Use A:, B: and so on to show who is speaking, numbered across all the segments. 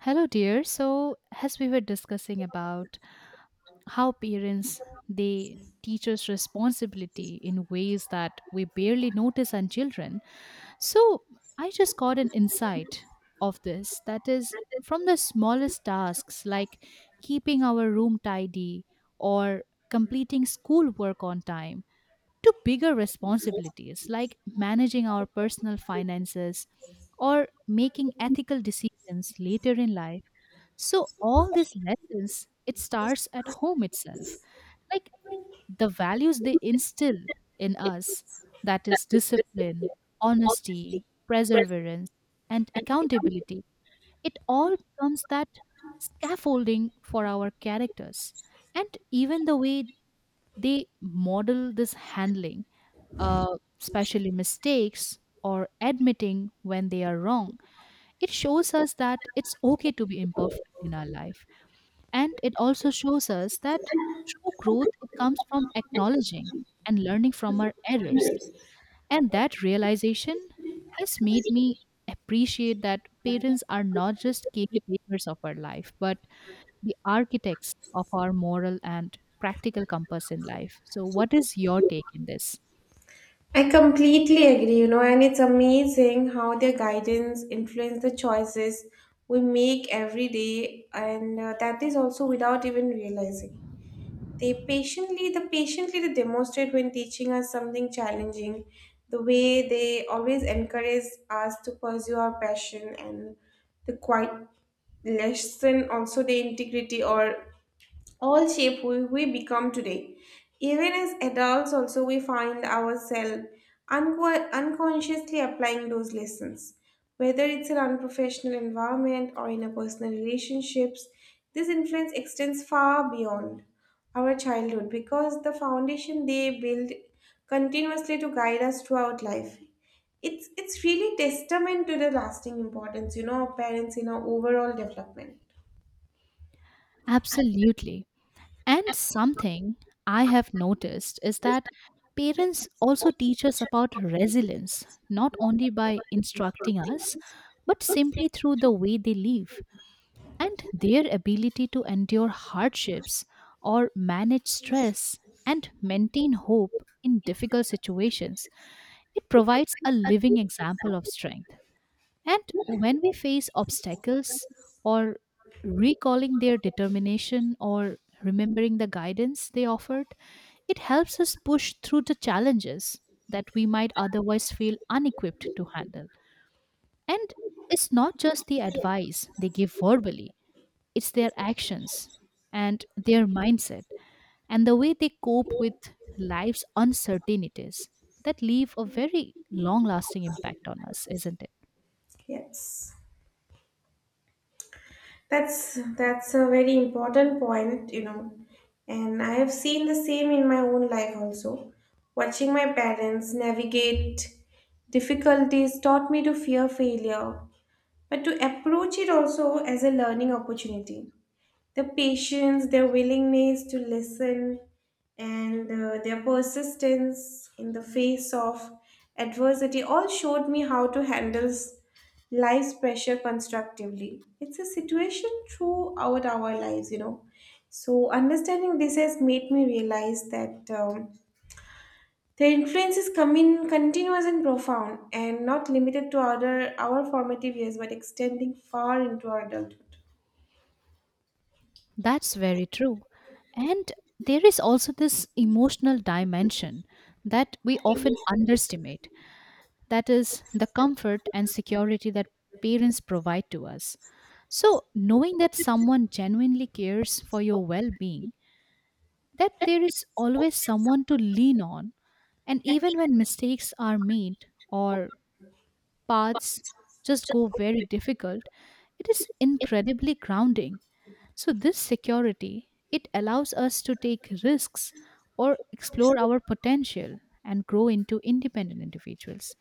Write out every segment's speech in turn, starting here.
A: Hello, dear. So, as we were discussing about how parents they teach us responsibility in ways that we barely notice on children, so I just got an insight of this. That is from the smallest tasks like keeping our room tidy or completing schoolwork on time to bigger responsibilities like managing our personal finances or making ethical decisions later in life, so all these lessons, it starts at home itself. Like the values they instill in us, that is discipline, honesty, perseverance, and accountability. It all becomes that scaffolding for our characters. And even the way they model this handling, especially mistakes or admitting when they are wrong, it shows us that it's okay to be imperfect in our life and it also shows us that true growth it comes from acknowledging and learning from our errors. And that realization has made me appreciate that parents are not just caretakers of our life, but the architects of our moral and practical compass in life. So, what is your take in this?
B: I completely agree, you know, and it's amazing how their guidance influence the choices we make every day, and that is also without even realizing. They patiently, the patiently they demonstrate when teaching us something challenging, the way they always encourage us to pursue our passion and the quiet lesson also the integrity or all shape who we become today. Even as adults, also, we find ourselves unconsciously applying those lessons. Whether it's in unprofessional environment or in a personal relationships, this influence extends far beyond our childhood because the foundation they build continuously to guide us throughout life it's really testament to the lasting importance, you know, of parents in our overall development.
A: Absolutely. And something I have noticed is that parents also teach us about resilience, not only by instructing us, but simply through the way they live and their ability to endure hardships or manage stress and maintain hope in difficult situations. It provides a living example of strength. And when we face obstacles or recalling their determination or remembering the guidance they offered, it helps us push through the challenges that we might otherwise feel unequipped to handle. And it's not just the advice they give verbally, it's their actions and their mindset and the way they cope with life's uncertainties that leave a very long lasting impact on us, isn't it?
B: Yes. That's a very important point, you know. And I have seen the same in my own life also. Watching my parents navigate difficulties taught me to fear failure, but to approach it also as a learning opportunity, the patience, their willingness to listen, and their persistence in the face of adversity all showed me how to handle life's pressure constructively. It's a situation throughout our lives, you know. So, understanding this has made me realize that their influence is coming continuous and profound and not limited to our formative years but extending far into our adulthood.
A: That's very true. And there is also this emotional dimension that we often underestimate. That is the comfort and security that parents provide to us. So, knowing that someone genuinely cares for your well being, that there is always someone to lean on, and even when mistakes are made or paths just go very difficult, it is incredibly grounding. So this security, it allows us to take risks or explore our potential and grow into independent individuals.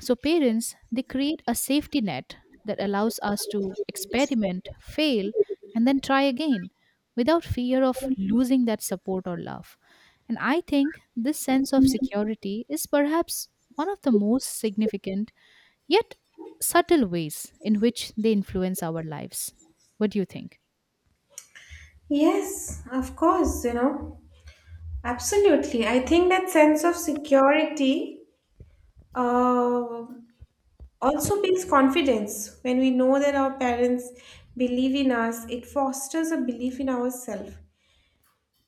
A: So parents, they create a safety net that allows us to experiment, fail and then try again without fear of losing that support or love. And I think this sense of security is perhaps one of the most significant yet subtle ways in which they influence our lives. What do you think?
B: Yes, of course, you know. Absolutely. I think that sense of security uh, also builds confidence. When we know that our parents believe in us, it fosters a belief in ourselves.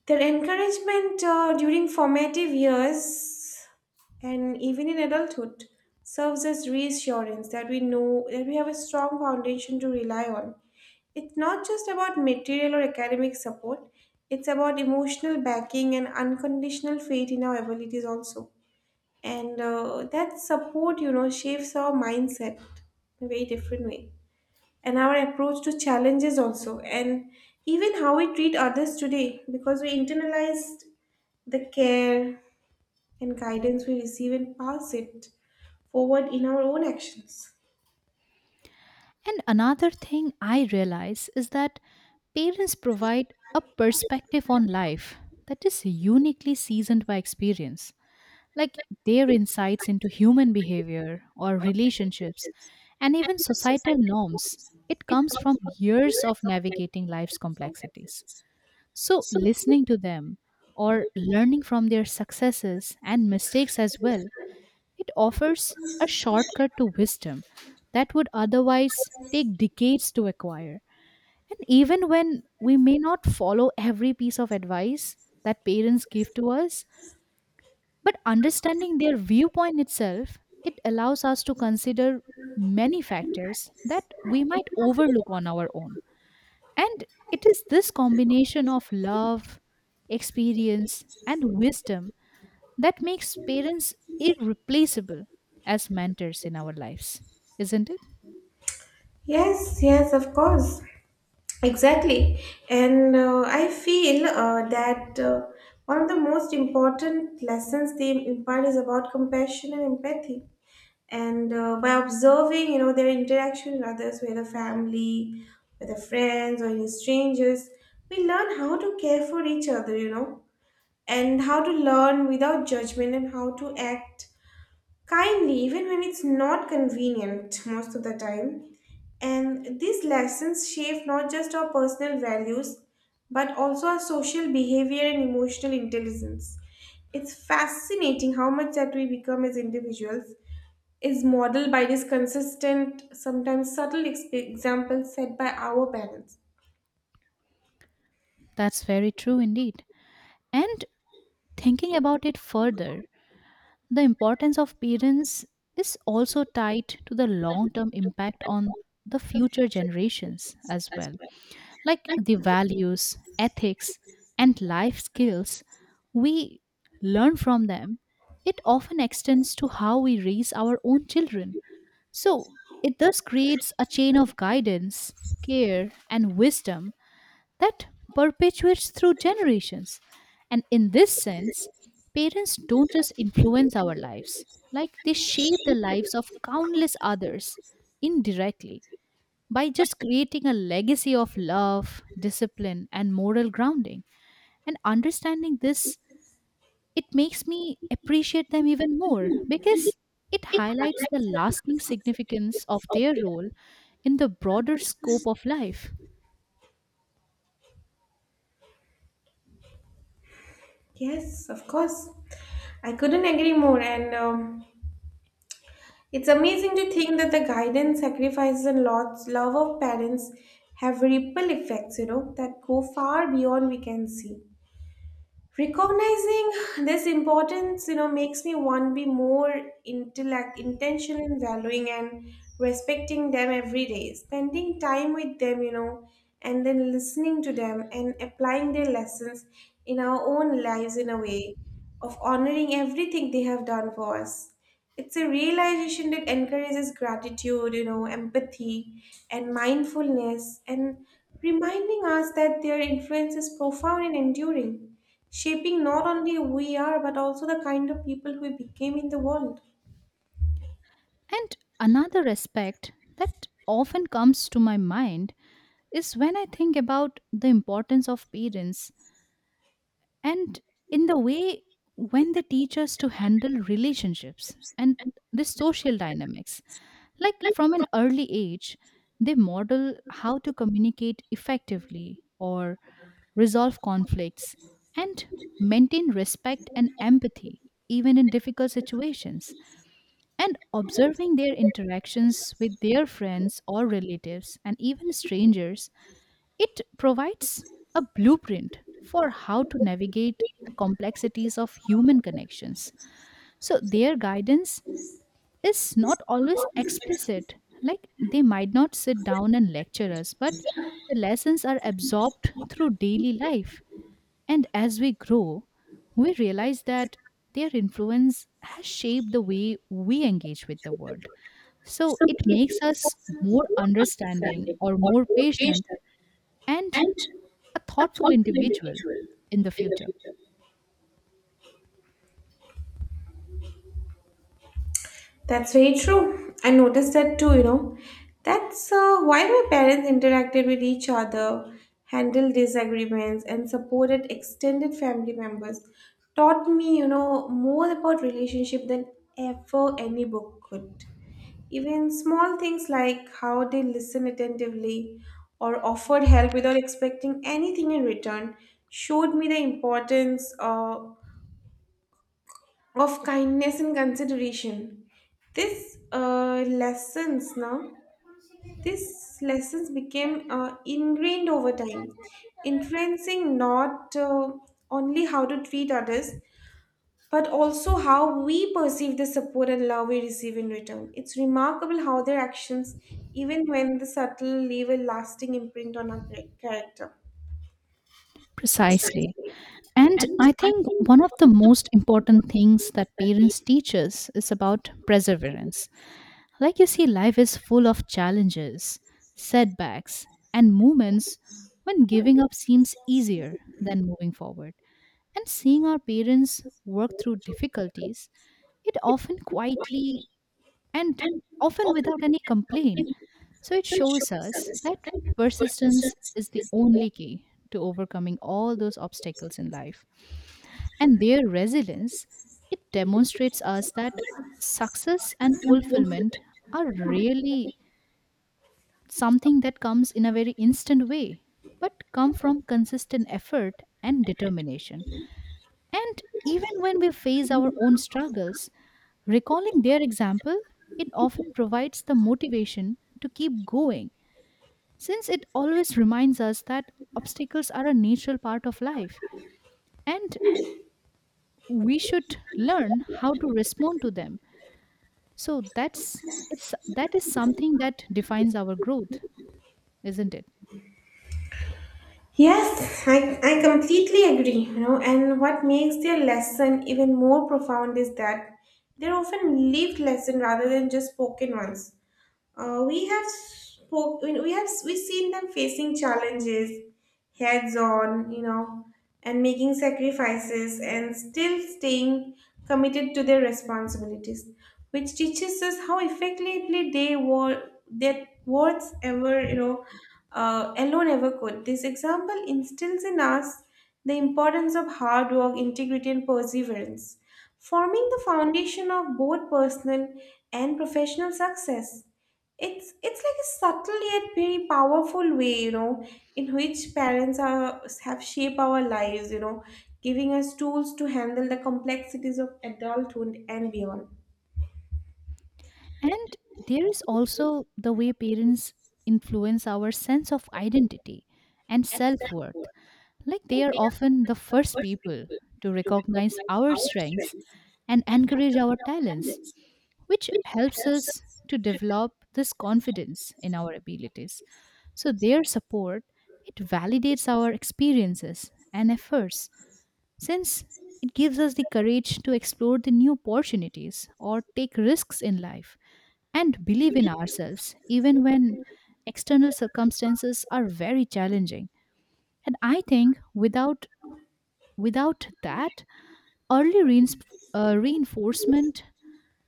B: Their encouragement during formative years and even in adulthood serves as reassurance that we know that we have a strong foundation to rely on. It's not just about material or academic support, it's about emotional backing and unconditional faith in our abilities also. And that support, you know, shapes our mindset in a very different way and our approach to challenges also and even how we treat others today because we internalized the care and guidance we receive and pass it forward in our own actions.
A: And another thing I realize is that parents provide a perspective on life that is uniquely seasoned by experience, like their insights into human behavior or relationships and even societal norms. It comes from years of navigating life's complexities. So, listening to them or learning from their successes and mistakes as well, it offers a shortcut to wisdom that would otherwise take decades to acquire. And even when we may not follow every piece of advice that parents give to us, but understanding their viewpoint itself, it allows us to consider many factors that we might overlook on our own. And it is this combination of love, experience, and wisdom that makes parents irreplaceable as mentors in our lives, isn't it?
B: Yes, yes, of course. Exactly. And I feel that one of the most important lessons they impart is about compassion and empathy. And by observing, you know, their interaction with others, whether family, whether friends, or even strangers, we learn how to care for each other, you know, and how to learn without judgment and how to act kindly, even when it's not convenient most of the time. And these lessons shape not just our personal values, but also our social behavior and emotional intelligence. It's fascinating how much that we become as individuals is modeled by these consistent, sometimes subtle examples set by our parents.
A: That's very true indeed. And thinking about it further, the importance of parents is also tied to the long term impact on the future generations as well. Like the values, ethics, and life skills we learn from them, it often extends to how we raise our own children. So it thus creates a chain of guidance, care, and wisdom that perpetuates through generations. And in this sense, parents don't just influence our lives, like they shape the lives of countless others indirectly by just creating a legacy of love, discipline, and moral grounding. And understanding this, it makes me appreciate them even more because it highlights the lasting significance of their role in the broader scope of life.
B: Yes, of course. I couldn't agree more. And it's amazing to think that the guidance, sacrifices, and lots, love of parents have ripple effects, you know, that go far beyond we can see. Recognizing this importance, you know, makes me want to be more intellect, intentional in valuing and respecting them every day, spending time with them, you know, and then listening to them and applying their lessons in our own lives in a way of honoring everything they have done for us. It's a realization that encourages gratitude, you know, empathy and mindfulness, and reminding us that their influence is profound and enduring, shaping not only who we are but also the kind of people we became in the world.
A: And another aspect that often comes to my mind is when I think about the importance of parents and in the way when they teach us to handle relationships and the social dynamics, like from an early age they model how to communicate effectively or resolve conflicts and maintain respect and empathy even in difficult situations, and observing their interactions with their friends or relatives and even strangers, it provides a blueprint for how to navigate the complexities of human connections. So, their guidance is not always explicit. Like, they might not sit down and lecture us, but the lessons are absorbed through daily life. And as we grow, we realize that their influence has shaped the way we engage with the world. So, it makes us more understanding or more patient and a thoughtful individual in the future.
B: That's very true. I noticed that too, you know. That's why my parents interacted with each other, handled disagreements, and supported extended family members. Taught me, you know, more about relationship than ever any book could. Even small things like how they listen attentively or offered help without expecting anything in return showed me the importance of kindness and consideration. This uh, lessons now, these lessons became ingrained over time, influencing not only how to treat others, but also how we perceive the support and love we receive in return. It's remarkable how their actions, even when the subtle, leave a lasting imprint on our character.
A: Precisely. And I think one of the most important things that parents teach us is about perseverance. Like you see, life is full of challenges, setbacks, and moments when giving up seems easier than moving forward. And seeing our parents work through difficulties, it often quietly and often without any complaint. So it shows us that persistence is the only key to overcoming all those obstacles in life. And their resilience, it demonstrates us that success and fulfillment are really something that comes in a very instant way, but come from consistent effort and determination. And even when we face our own struggles, recalling their example, it often provides the motivation to keep going since it always reminds us that obstacles are a natural part of life and we should learn how to respond to them. So that is something that defines our growth, isn't it?
B: Yes, I completely agree, you know, and what makes their lesson even more profound is that they're often lived lesson rather than just spoken ones. We have spoke, we have we seen them facing challenges heads on, you know, and making sacrifices and still staying committed to their responsibilities, which teaches us how effectively they were their words ever, you know, alone ever could. This example instills in us the importance of hard work, integrity, and perseverance, forming the foundation of both personal and professional success. It's like a subtle yet very powerful way, you know, in which parents are have shaped our lives, you know, giving us tools to handle the complexities of adulthood and beyond.
A: And there is also the way parents influence our sense of identity and self-worth. Like they are often the first people to recognize our strengths and encourage our talents, which helps us to develop this confidence in our abilities. So their support, it validates our experiences and efforts since it gives us the courage to explore the new opportunities or take risks in life and believe in ourselves even when external circumstances are very challenging. And I think without that, early reins- reinforcement,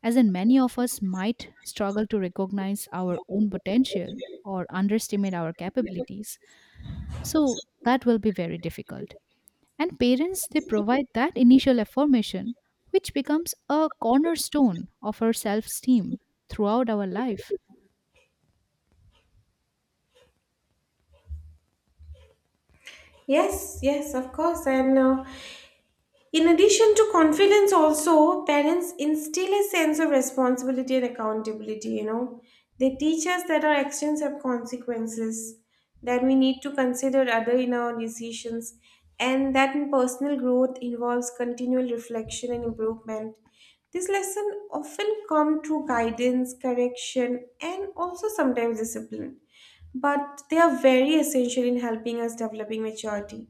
A: as in many of us might struggle to recognize our own potential or underestimate our capabilities. So that will be very difficult. And parents, they provide that initial affirmation, which becomes a cornerstone of our self esteem throughout our life.
B: Yes, yes, of course. And in addition to confidence, also, parents instill a sense of responsibility and accountability. You know, they teach us that our actions have consequences, that we need to consider other in our decisions, and that in personal growth involves continual reflection and improvement. This lesson often come through guidance, correction, and also sometimes discipline but they are very essential in helping us developing maturity.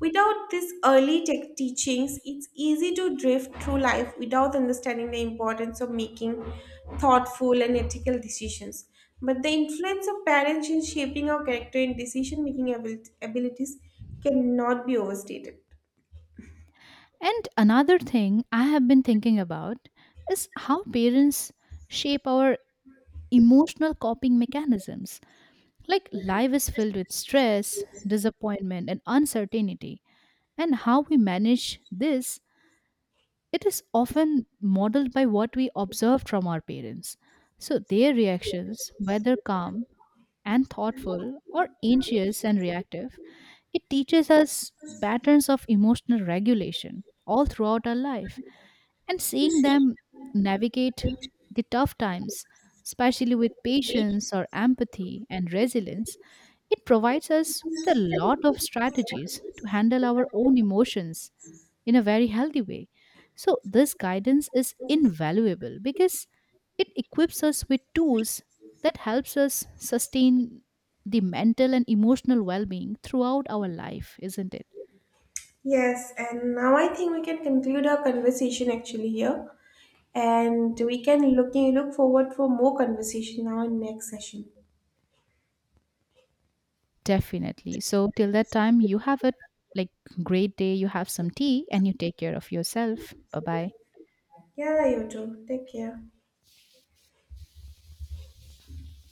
B: Without this early tech teachings, it's easy to drift through life without understanding the importance of making thoughtful and ethical decisions. But the influence of parents in shaping our character and decision making abilities cannot be overstated.
A: And another thing I have been thinking about is how parents shape our emotional coping mechanisms. Like life is filled with stress, disappointment, and uncertainty. And how we manage this, it is often modeled by what we observe from our parents. So their reactions, whether calm and thoughtful or anxious and reactive, it teaches us patterns of emotional regulation all throughout our life. And seeing them navigate the tough times, especially with patience or empathy and resilience, it provides us with a lot of strategies to handle our own emotions in a very healthy way. So, this guidance is invaluable because it equips us with tools that helps us sustain the mental and emotional well-being throughout our life, isn't it?
B: Yes, and now I think we can conclude our conversation actually here, and we can look forward for more conversation now in next session.
A: Definitely. So, till that time, you have a like great day, you have some tea and you take care of yourself. Bye-bye.
B: Yeah, you too. Take care.